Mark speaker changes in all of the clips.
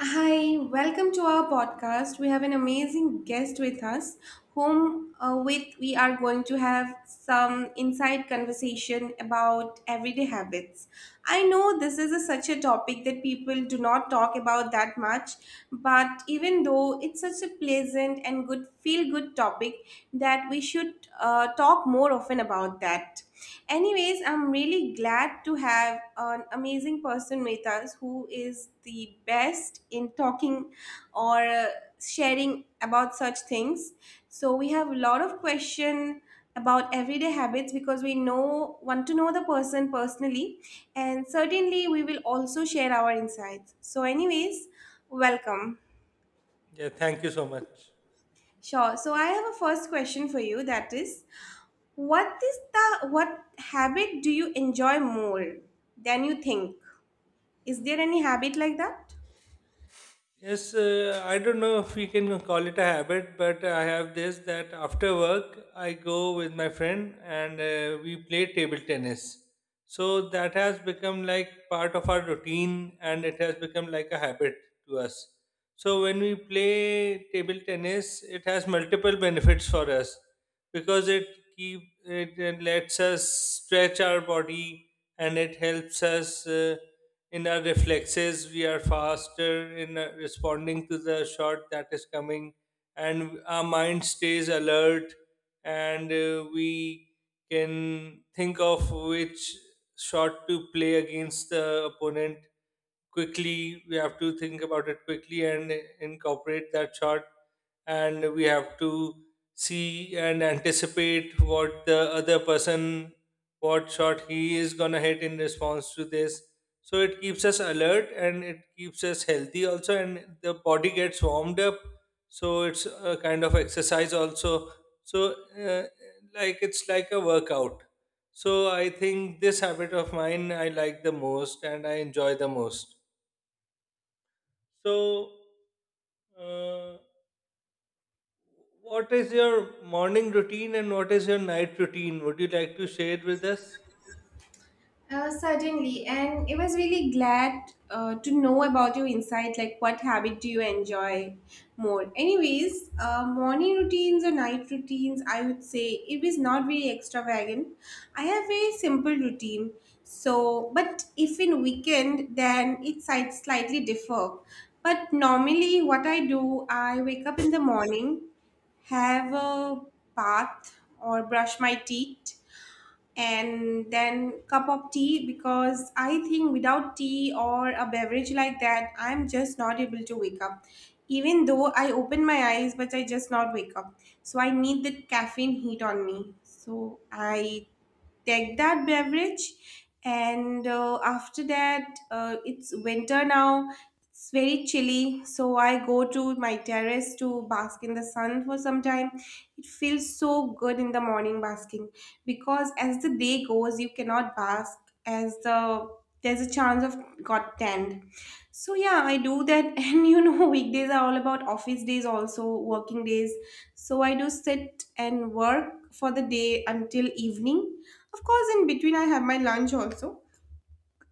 Speaker 1: Hi, welcome to our podcast. We have an amazing guest with us, whom with we are going to have some inside conversation about everyday habits. I know this is such a topic that people do not talk about that much, but even though it's such a pleasant and good feel good topic that we should talk more often about that. Anyways, I'm really glad to have an amazing person with us who is the best in talking or sharing about such things. So we have a lot of question about everyday habits because we know want to know the person personally and certainly we will also share our insights. So anyways, welcome.
Speaker 2: Yeah, thank you so much.
Speaker 1: Sure. So I have a first question for you that is, what is the what habit do you enjoy more than you think? Is there any habit like that?
Speaker 2: Yes, I don't know if we can call it a habit, but I have this that after work I go with my friend and we play table tennis. So that has become like part of our routine and it has become like a habit to us. So when we play table tennis, it has multiple benefits for us because it lets us stretch our body and it helps us. In our reflexes we are faster in responding to the shot that is coming, and our mind stays alert, and we can think of which shot to play against the opponent. Quickly we have to think about it quickly and incorporate that shot, and we have to see and anticipate what the other person, what shot he is going to hit in response to this. So it keeps us alert and it keeps us healthy also, and the body gets warmed up, so it's a kind of exercise also. So uh, like it's like a workout. So I think this habit of mine I like the most and I enjoy the most. So uh, what is your morning routine and what is your night routine? Would you like to share it with us?
Speaker 1: Certainly, and it was really glad to know about your insight. Like, what habit do you enjoy more? Anyways, morning routines or night routines, I would say it is not very extravagant. I have very simple routine. So, but if in weekend, then it slightly differ. But normally, what I do, I wake up in the morning, have a bath or brush my teeth, and then cup of tea because I think without tea or a beverage like that I'm just not able to wake up. Even though I open my eyes, but I just not wake up. So I need the caffeine heat on me, so I take that beverage. And after that, it's winter now, it's very chilly, so I go to my terrace to bask in the sun for some time. It feels so good in the morning basking, because as the day goes you cannot bask as there's a chance of got tanned. So yeah, I do that. And you know, weekdays are all about office days also, working days. So I do sit and work for the day until evening. Of course, in between I have my lunch also.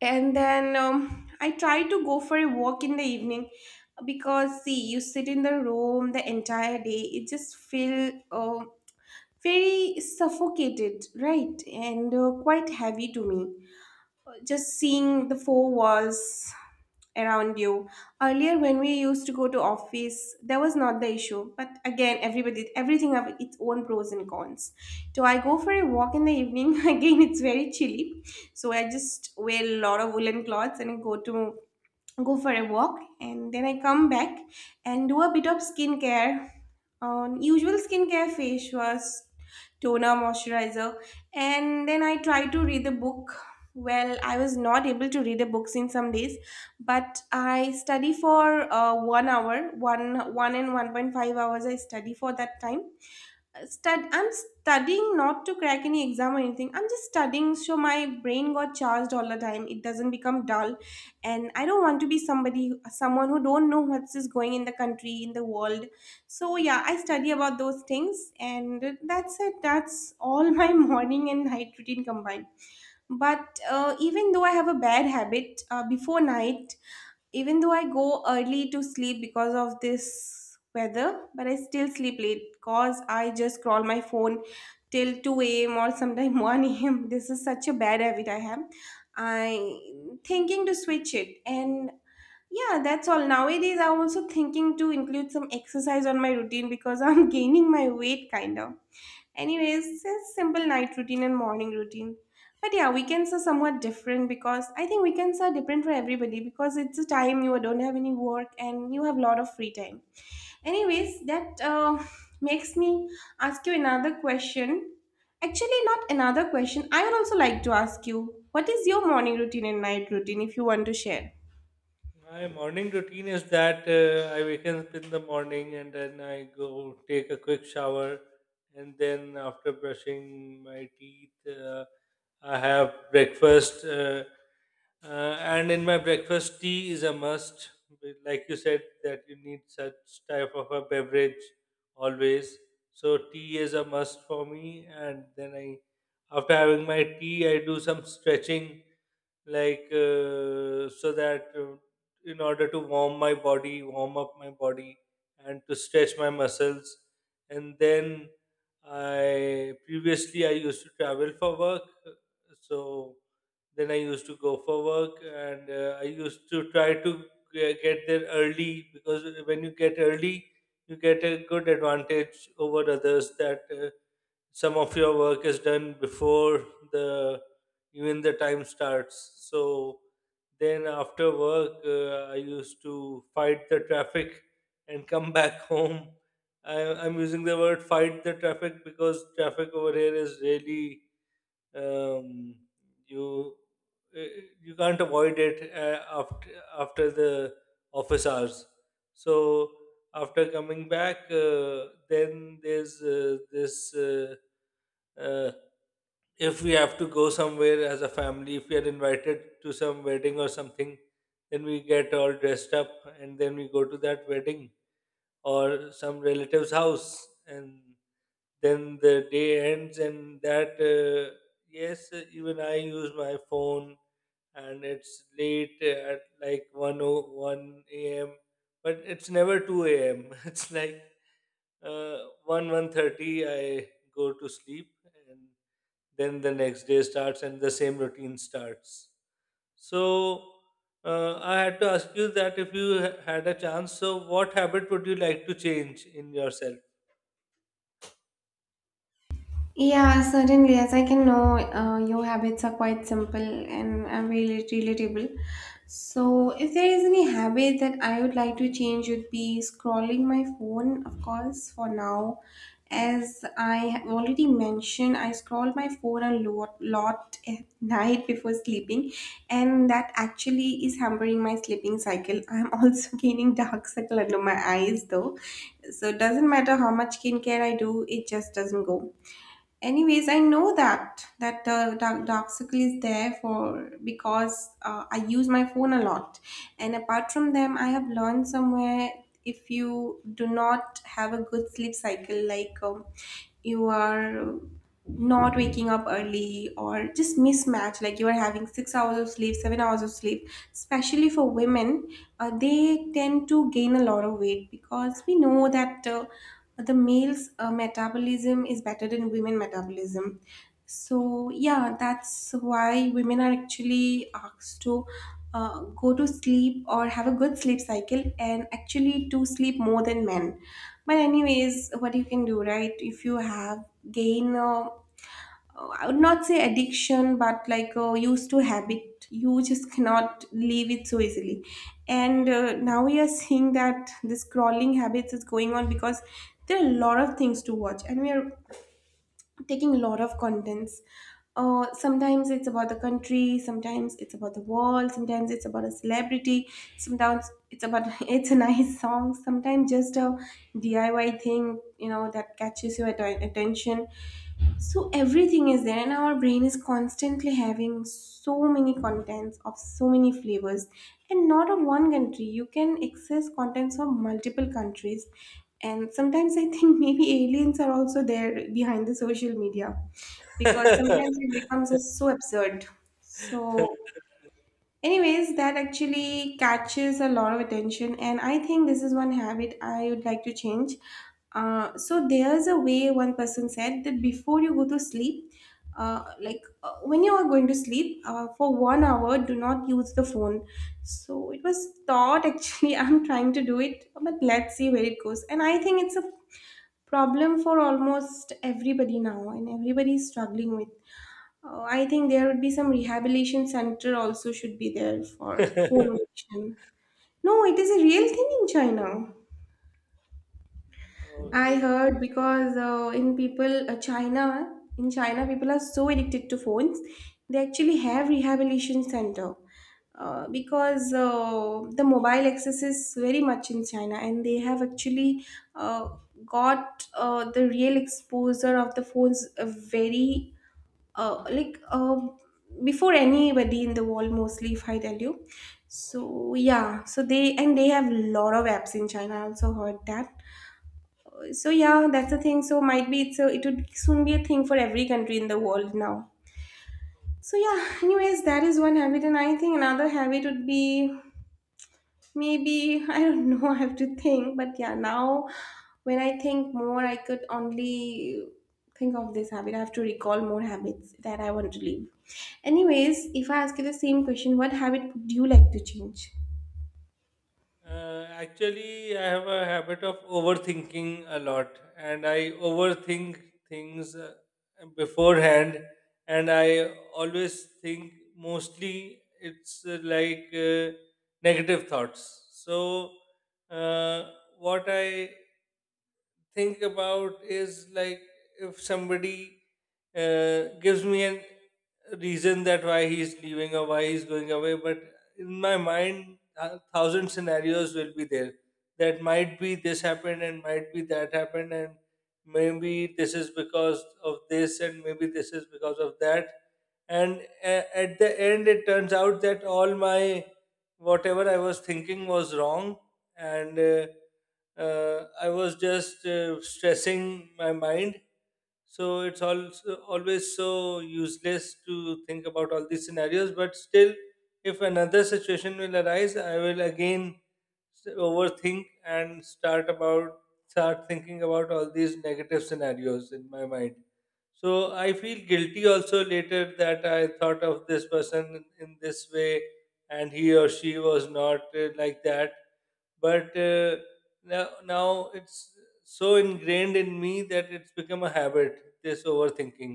Speaker 1: And then I try to go for a walk in the evening, because see, you sit in the room the entire day, it just feel very suffocated, right? And quite heavy to me. Just seeing the four walls around you. Earlier, when we used to go to office, that was not the issue. But again, everybody, everything have its own pros and cons. So I go for a walk in the evening. Again, it's very chilly, so I just wear a lot of woolen clothes and go for a walk, and then I come back and do a bit of skincare. Usual skincare, face wash, toner, moisturizer, and then I try to read the book. Well, I was not able to read the books in some days, but I study for 1 hour, 1 and 1.5 hours. I study for that time, I'm studying not to crack any exam or anything. I'm just studying so my brain got charged all the time. It doesn't become dull, and I don't want to be someone who don't know what's is going in the country, in the world. So yeah, I study about those things, and that's it. That's all my morning and night routine combined. But even though I have a bad habit before night, even though I go early to sleep because of this weather, but I still sleep late because I just scroll my phone till 2 a.m. or sometime 1 a.m. This is such a bad habit I have. I thinking to switch it. And yeah, that's all. Nowadays, I'm also thinking to include some exercise on my routine because I'm gaining my weight kind of. Anyways, it's simple night routine and morning routine. But yeah, weekends are somewhat different because I think weekends are different for everybody because it's a time you don't have any work and you have a lot of free time. Anyways, that makes me ask you another question. Actually, not another question. I would also like to ask you, what is your morning routine and night routine if you want to share?
Speaker 2: My morning routine is that I wake up in the morning and then I go take a quick shower, and then after brushing my teeth, I have breakfast. And in my breakfast, tea is a must. But like you said, that you need such type of a beverage always. So tea is a must for me. After having my tea, I do some stretching, like so that in order to warm up my body and to stretch my muscles. And then I previously I used to travel for work. So then I used to go for work, and I used to try to get there early, because when you get early, you get a good advantage over others, that some of your work is done before the even the time starts. So then after work, I used to fight the traffic and come back home. I'm using the word "fight the traffic" because traffic over here is really um, you you can't avoid it after after the office hours. So after coming back, then there's this uh, if we have to go somewhere as a family, if we are invited to some wedding or something, then we get all dressed up and then we go to that wedding or some relative's house, and then the day ends. And that, yes, even I use my phone, and it's late at like one o one a.m., but it's never 2 a.m. It's like uh, 1 one thirty. I go to sleep, and then the next day starts and the same routine starts. So I had to ask you that, if you had a chance, so what habit would you like to change in yourself?
Speaker 1: Yeah, certainly. As I can know, your habits are quite simple and are really relatable. So, if there is any habit that I would like to change, would be scrolling my phone, of course, for now. As I have already mentioned, I scroll my phone a lot, lot at night before sleeping, and that actually is hampering my sleeping cycle. I'm also gaining dark circle under my eyes, though. So, it doesn't matter how much skincare I do, it just doesn't go. Anyways, I know that dark circle is there for because I use my phone a lot. And apart from them, I have learned somewhere, if you do not have a good sleep cycle, like you are not waking up early or just mismatch, like you are having 6 hours of sleep, 7 hours of sleep, especially for women, they tend to gain a lot of weight, because we know that the male's metabolism is better than women metabolism. So yeah, that's why women are actually asked to go to sleep or have a good sleep cycle and actually to sleep more than men. But anyways, what you can do, right, if you have gain oh, I would not say addiction, but like used to habit. You just cannot leave it so easily. And now we are seeing that this scrolling habits is going on because there are a lot of things to watch, and we are taking a lot of contents. Sometimes it's about the country, sometimes it's about the world, sometimes it's about a celebrity, sometimes it's about it's a nice song, sometimes just a DIY thing, you know, that catches your attention. So everything is there, and our brain is constantly having so many contents of so many flavors, and not of one country, you can access contents from multiple countries. And sometimes I think maybe aliens are also there behind the social media, because sometimes it becomes so absurd. So anyways, that actually catches a lot of attention, and I think this is one habit I would like to change. So there's a way one person said that before you go to sleep, when you are going to sleep for 1 hour, do not use the phone. So it was thought actually. I'm trying to do it, but let's see where it goes. And I think it's a problem for almost everybody now, and everybody is struggling with. Oh, I think there would be some rehabilitation center also should be there for phone addiction. No, it is a real thing in China. I
Speaker 2: Okay.
Speaker 1: heard because in China, people are so addicted to phones. They actually have rehabilitation center because the mobile access is very much in China, and they have actually uh, got the real exposure of the phones very uh, like um before anybody in the world, mostly, if I tell you. So yeah, so they, and they have lot of apps in China, I also heard that. So yeah, that's the thing, so might be it would soon be a thing for every country in the world now. So yeah, anyways, that is one habit, and I think another habit would be maybe, I don't know, I have to think. But yeah, now when I think more, I could only think of this habit. I have to recall more habits that I want to leave. Anyways, if I ask you the same question, what habit would you like to change?
Speaker 2: Actually, I have a habit of overthinking a lot, and I overthink things beforehand, and I always think, mostly it's like negative thoughts. So, uh, what I think about is like, if somebody gives me an reason that why he's leaving or why he's going away, but in my mind, a thousand scenarios will be there. That might be this happened and might be that happened, and maybe this is because of this, and maybe this is because of that. And at the end, it turns out that all my, whatever I was thinking was wrong, and I was just stressing my mind. So it's also always so useless to think about all these scenarios. But still, if another situation will arise, I will again s- overthink and start about start thinking about all these negative scenarios in my mind. So I feel guilty also later that I thought of this person in this way, and he or she was not like that, but now it's so ingrained in me that it's become a habit, this overthinking.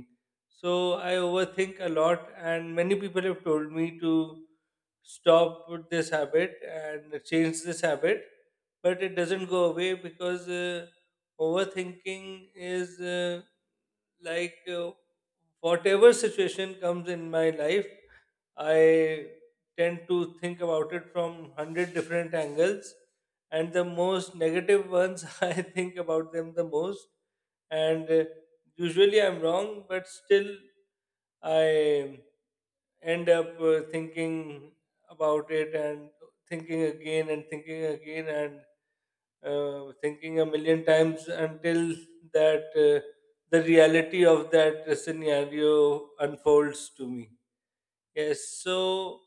Speaker 2: So I overthink a lot, and many people have told me to stop with this habit and change this habit, but it doesn't go away because overthinking is like whatever situation comes in my life, I tend to think about it from 100 different angles, and the most negative ones I think about them the most. And usually I'm wrong, but still I end up thinking about it, and thinking again and thinking again and thinking a million times until that the reality of that scenario unfolds to me. Yes, so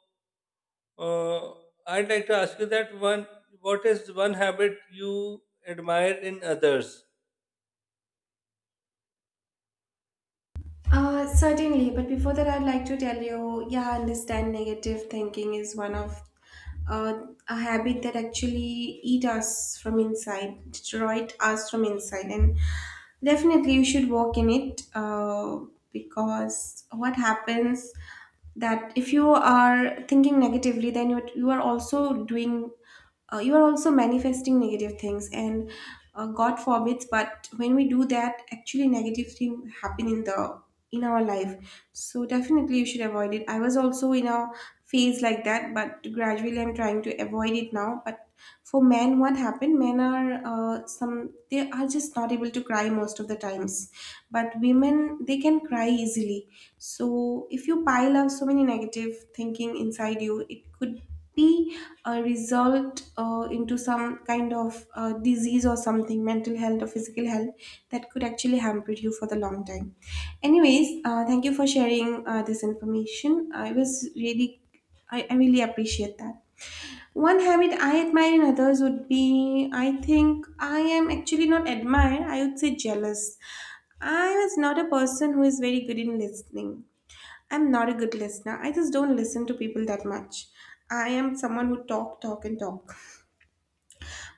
Speaker 2: uh, I'd like to ask you that one. What is one habit you admire in others?
Speaker 1: Certainly, but before that, I'd like to tell you, yeah, I understand negative thinking is one of uh, a habit that actually eat us from inside, destroyed us from inside, and definitely you should work in it because what happens that if you are thinking negatively, then you are also doing you are also manifesting negative things, and god forbids, but when we do that, actually negative things happen in the in our life. So definitely you should avoid it. I was also in a phase like that, but gradually I'm trying to avoid it now. But for men, what happened, men are some, they are just not able to cry most of the times, but women, they can cry easily. So if you pile up so many negative thinking inside you, it could be result into some kind of disease or something, mental health or physical health, that could actually hamper you for the long time. Anyways, thank you for sharing this information. I was really, I really appreciate that. One habit I admire in others would be, I think I am actually not admire, I would say jealous. I was not a person who is very good in listening. I'm not a good listener. I just don't listen to people that much. I am someone who talk, talk, and talk.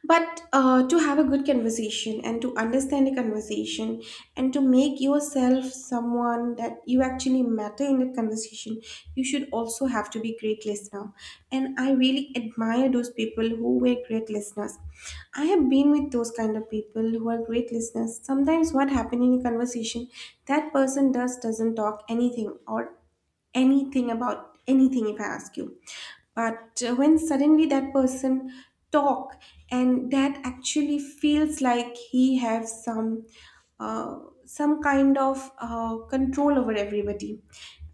Speaker 1: But to have a good conversation and to understand a conversation and to make yourself someone that you actually matter in the conversation, you should also have to be great listener. And I really admire those people who were great listeners. I have been with those kind of people who are great listeners. Sometimes what happened in a conversation, that person doesn't talk anything or anything about anything if I ask you. But when suddenly that person talk, and that actually feels like he has uh, some kind of control over everybody,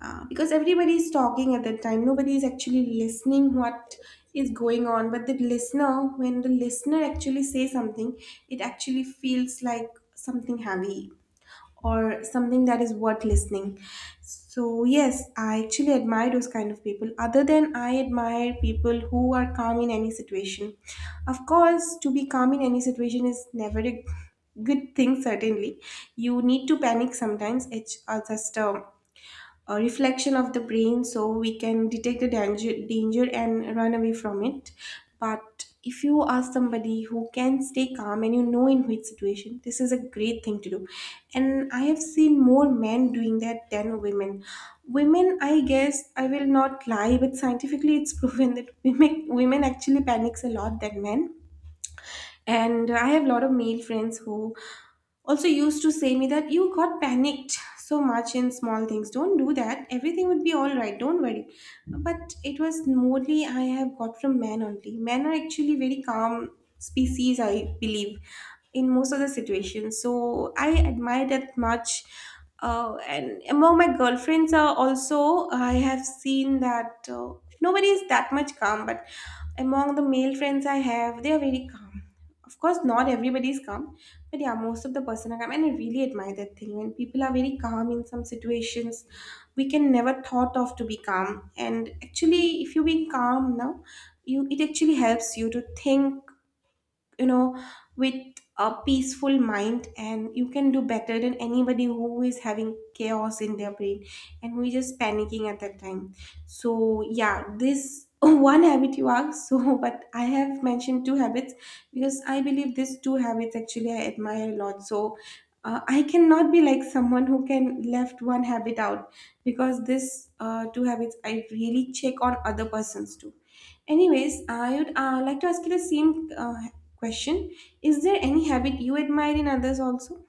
Speaker 1: because everybody is talking at that time, nobody is actually listening what is going on, but the listener, when the listener actually say something, it actually feels like something heavy or something that is worth listening. So, yes, I actually admire those kind of people. Other than I admire people who are calm in any situation. Of course, to be calm in any situation is never a good thing, certainly. You need to panic sometimes, it's just a reflection of the brain so we can detect the danger and run away from it. But if you are somebody who can stay calm and you know in which situation, this is a great thing to do. And I have seen more men doing that than women. Women, I guess, I will not lie, but scientifically it's proven that women actually panics a lot than men. And I have a lot of male friends who also used to say me that you got panicked so much in small things, don't do that, everything would be all right, don't worry. But it was mostly I have got from men only. Men are actually very calm species, I believe, in most of the situations. So I admire that much. And among my girlfriends are also I have seen that nobody is that much calm, but among the male friends I have, they are very calm. Of course, not everybody is calm, but yeah, most of the person are calm, and I really admire that thing when people are very calm in some situations we can never thought of to be calm. And actually, if you being calm now, you it actually helps you to think, you know, with a peaceful mind, and you can do better than anybody who is having chaos in their brain and we just panicking at that time. So yeah, this one habit you asked, so but I have mentioned two habits because I believe these two habits actually I admire a lot. So I cannot be like someone who can left one habit out, because this two habits I really check on other persons too. Anyways, I would like to ask you the same question. Is there any habit you admire in others also?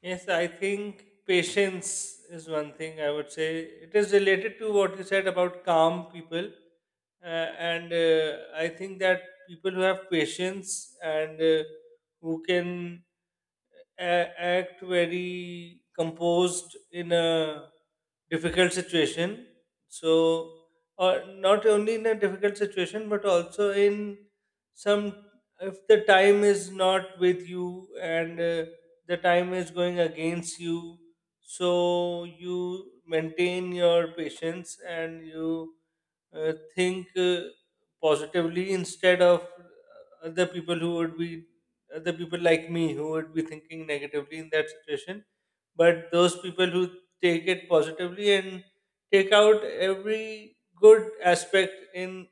Speaker 2: Yes, I think patience is one thing I would say. It is related to what you said about calm people. And I think that people who have patience and who can act very composed in a difficult situation. So, or not only in a difficult situation, but also in some, if the time is not with you and the time is going against you, so you maintain your patience and you think positively, instead of uh, other people who would be other people like me, who would be thinking negatively in that situation. But those people who take it positively and take out every good aspect in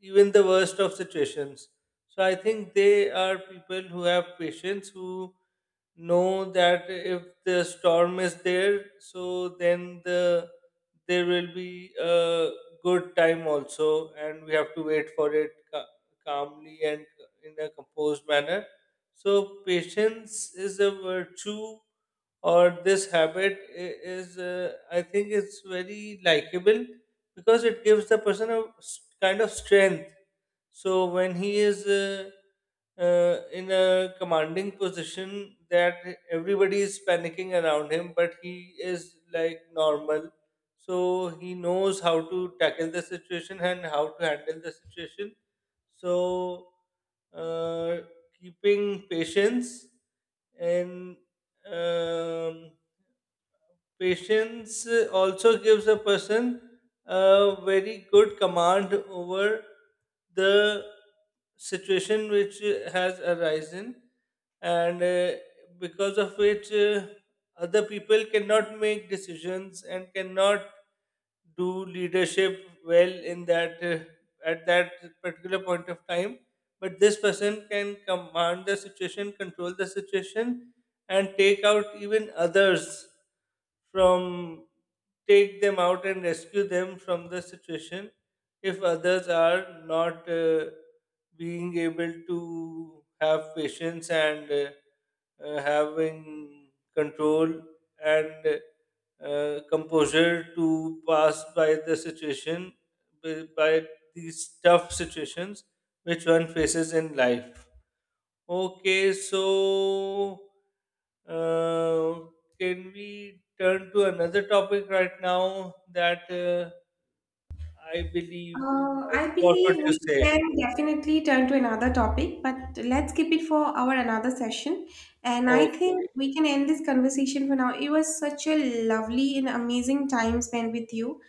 Speaker 2: even the worst of situations, so I think they are people who have patience, who know that if the storm is there, so then there will be a good time also, and we have to wait for it calmly and in a composed manner. So patience is a virtue, or this habit I- is I think it's very likable, because it gives the person a kind of strength. So when he is in a commanding position, that everybody is panicking around him but he is like normal, so he knows how to tackle the situation and how to handle the situation. So uh, keeping patience and um, patience also gives a person a very good command over the situation which has arisen, and because of which other people cannot make decisions and cannot do leadership well in that, at that particular point of time. But this person can command the situation, control the situation, and take out even others from, take them out and rescue them from the situation, if others are not being able to have patience and having control and composure to pass by the situation, by these tough situations which one faces in life. Okay, so uh, can we turn to another topic right now, that I believe?
Speaker 1: I
Speaker 2: What would
Speaker 1: believe
Speaker 2: you
Speaker 1: we
Speaker 2: say?
Speaker 1: can definitely turn to another topic, but let's keep it for our another session. And I
Speaker 2: Okay,
Speaker 1: think we can end this conversation for now. It was such a lovely and amazing time spent with you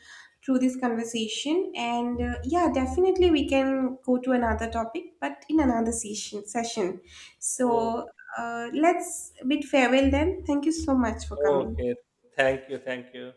Speaker 1: through this conversation. And yeah, definitely we can go to another topic, but in another session. Session.
Speaker 2: okay,
Speaker 1: So let's bid farewell then. Thank you so much for coming.
Speaker 2: okay. Thank you, thank you.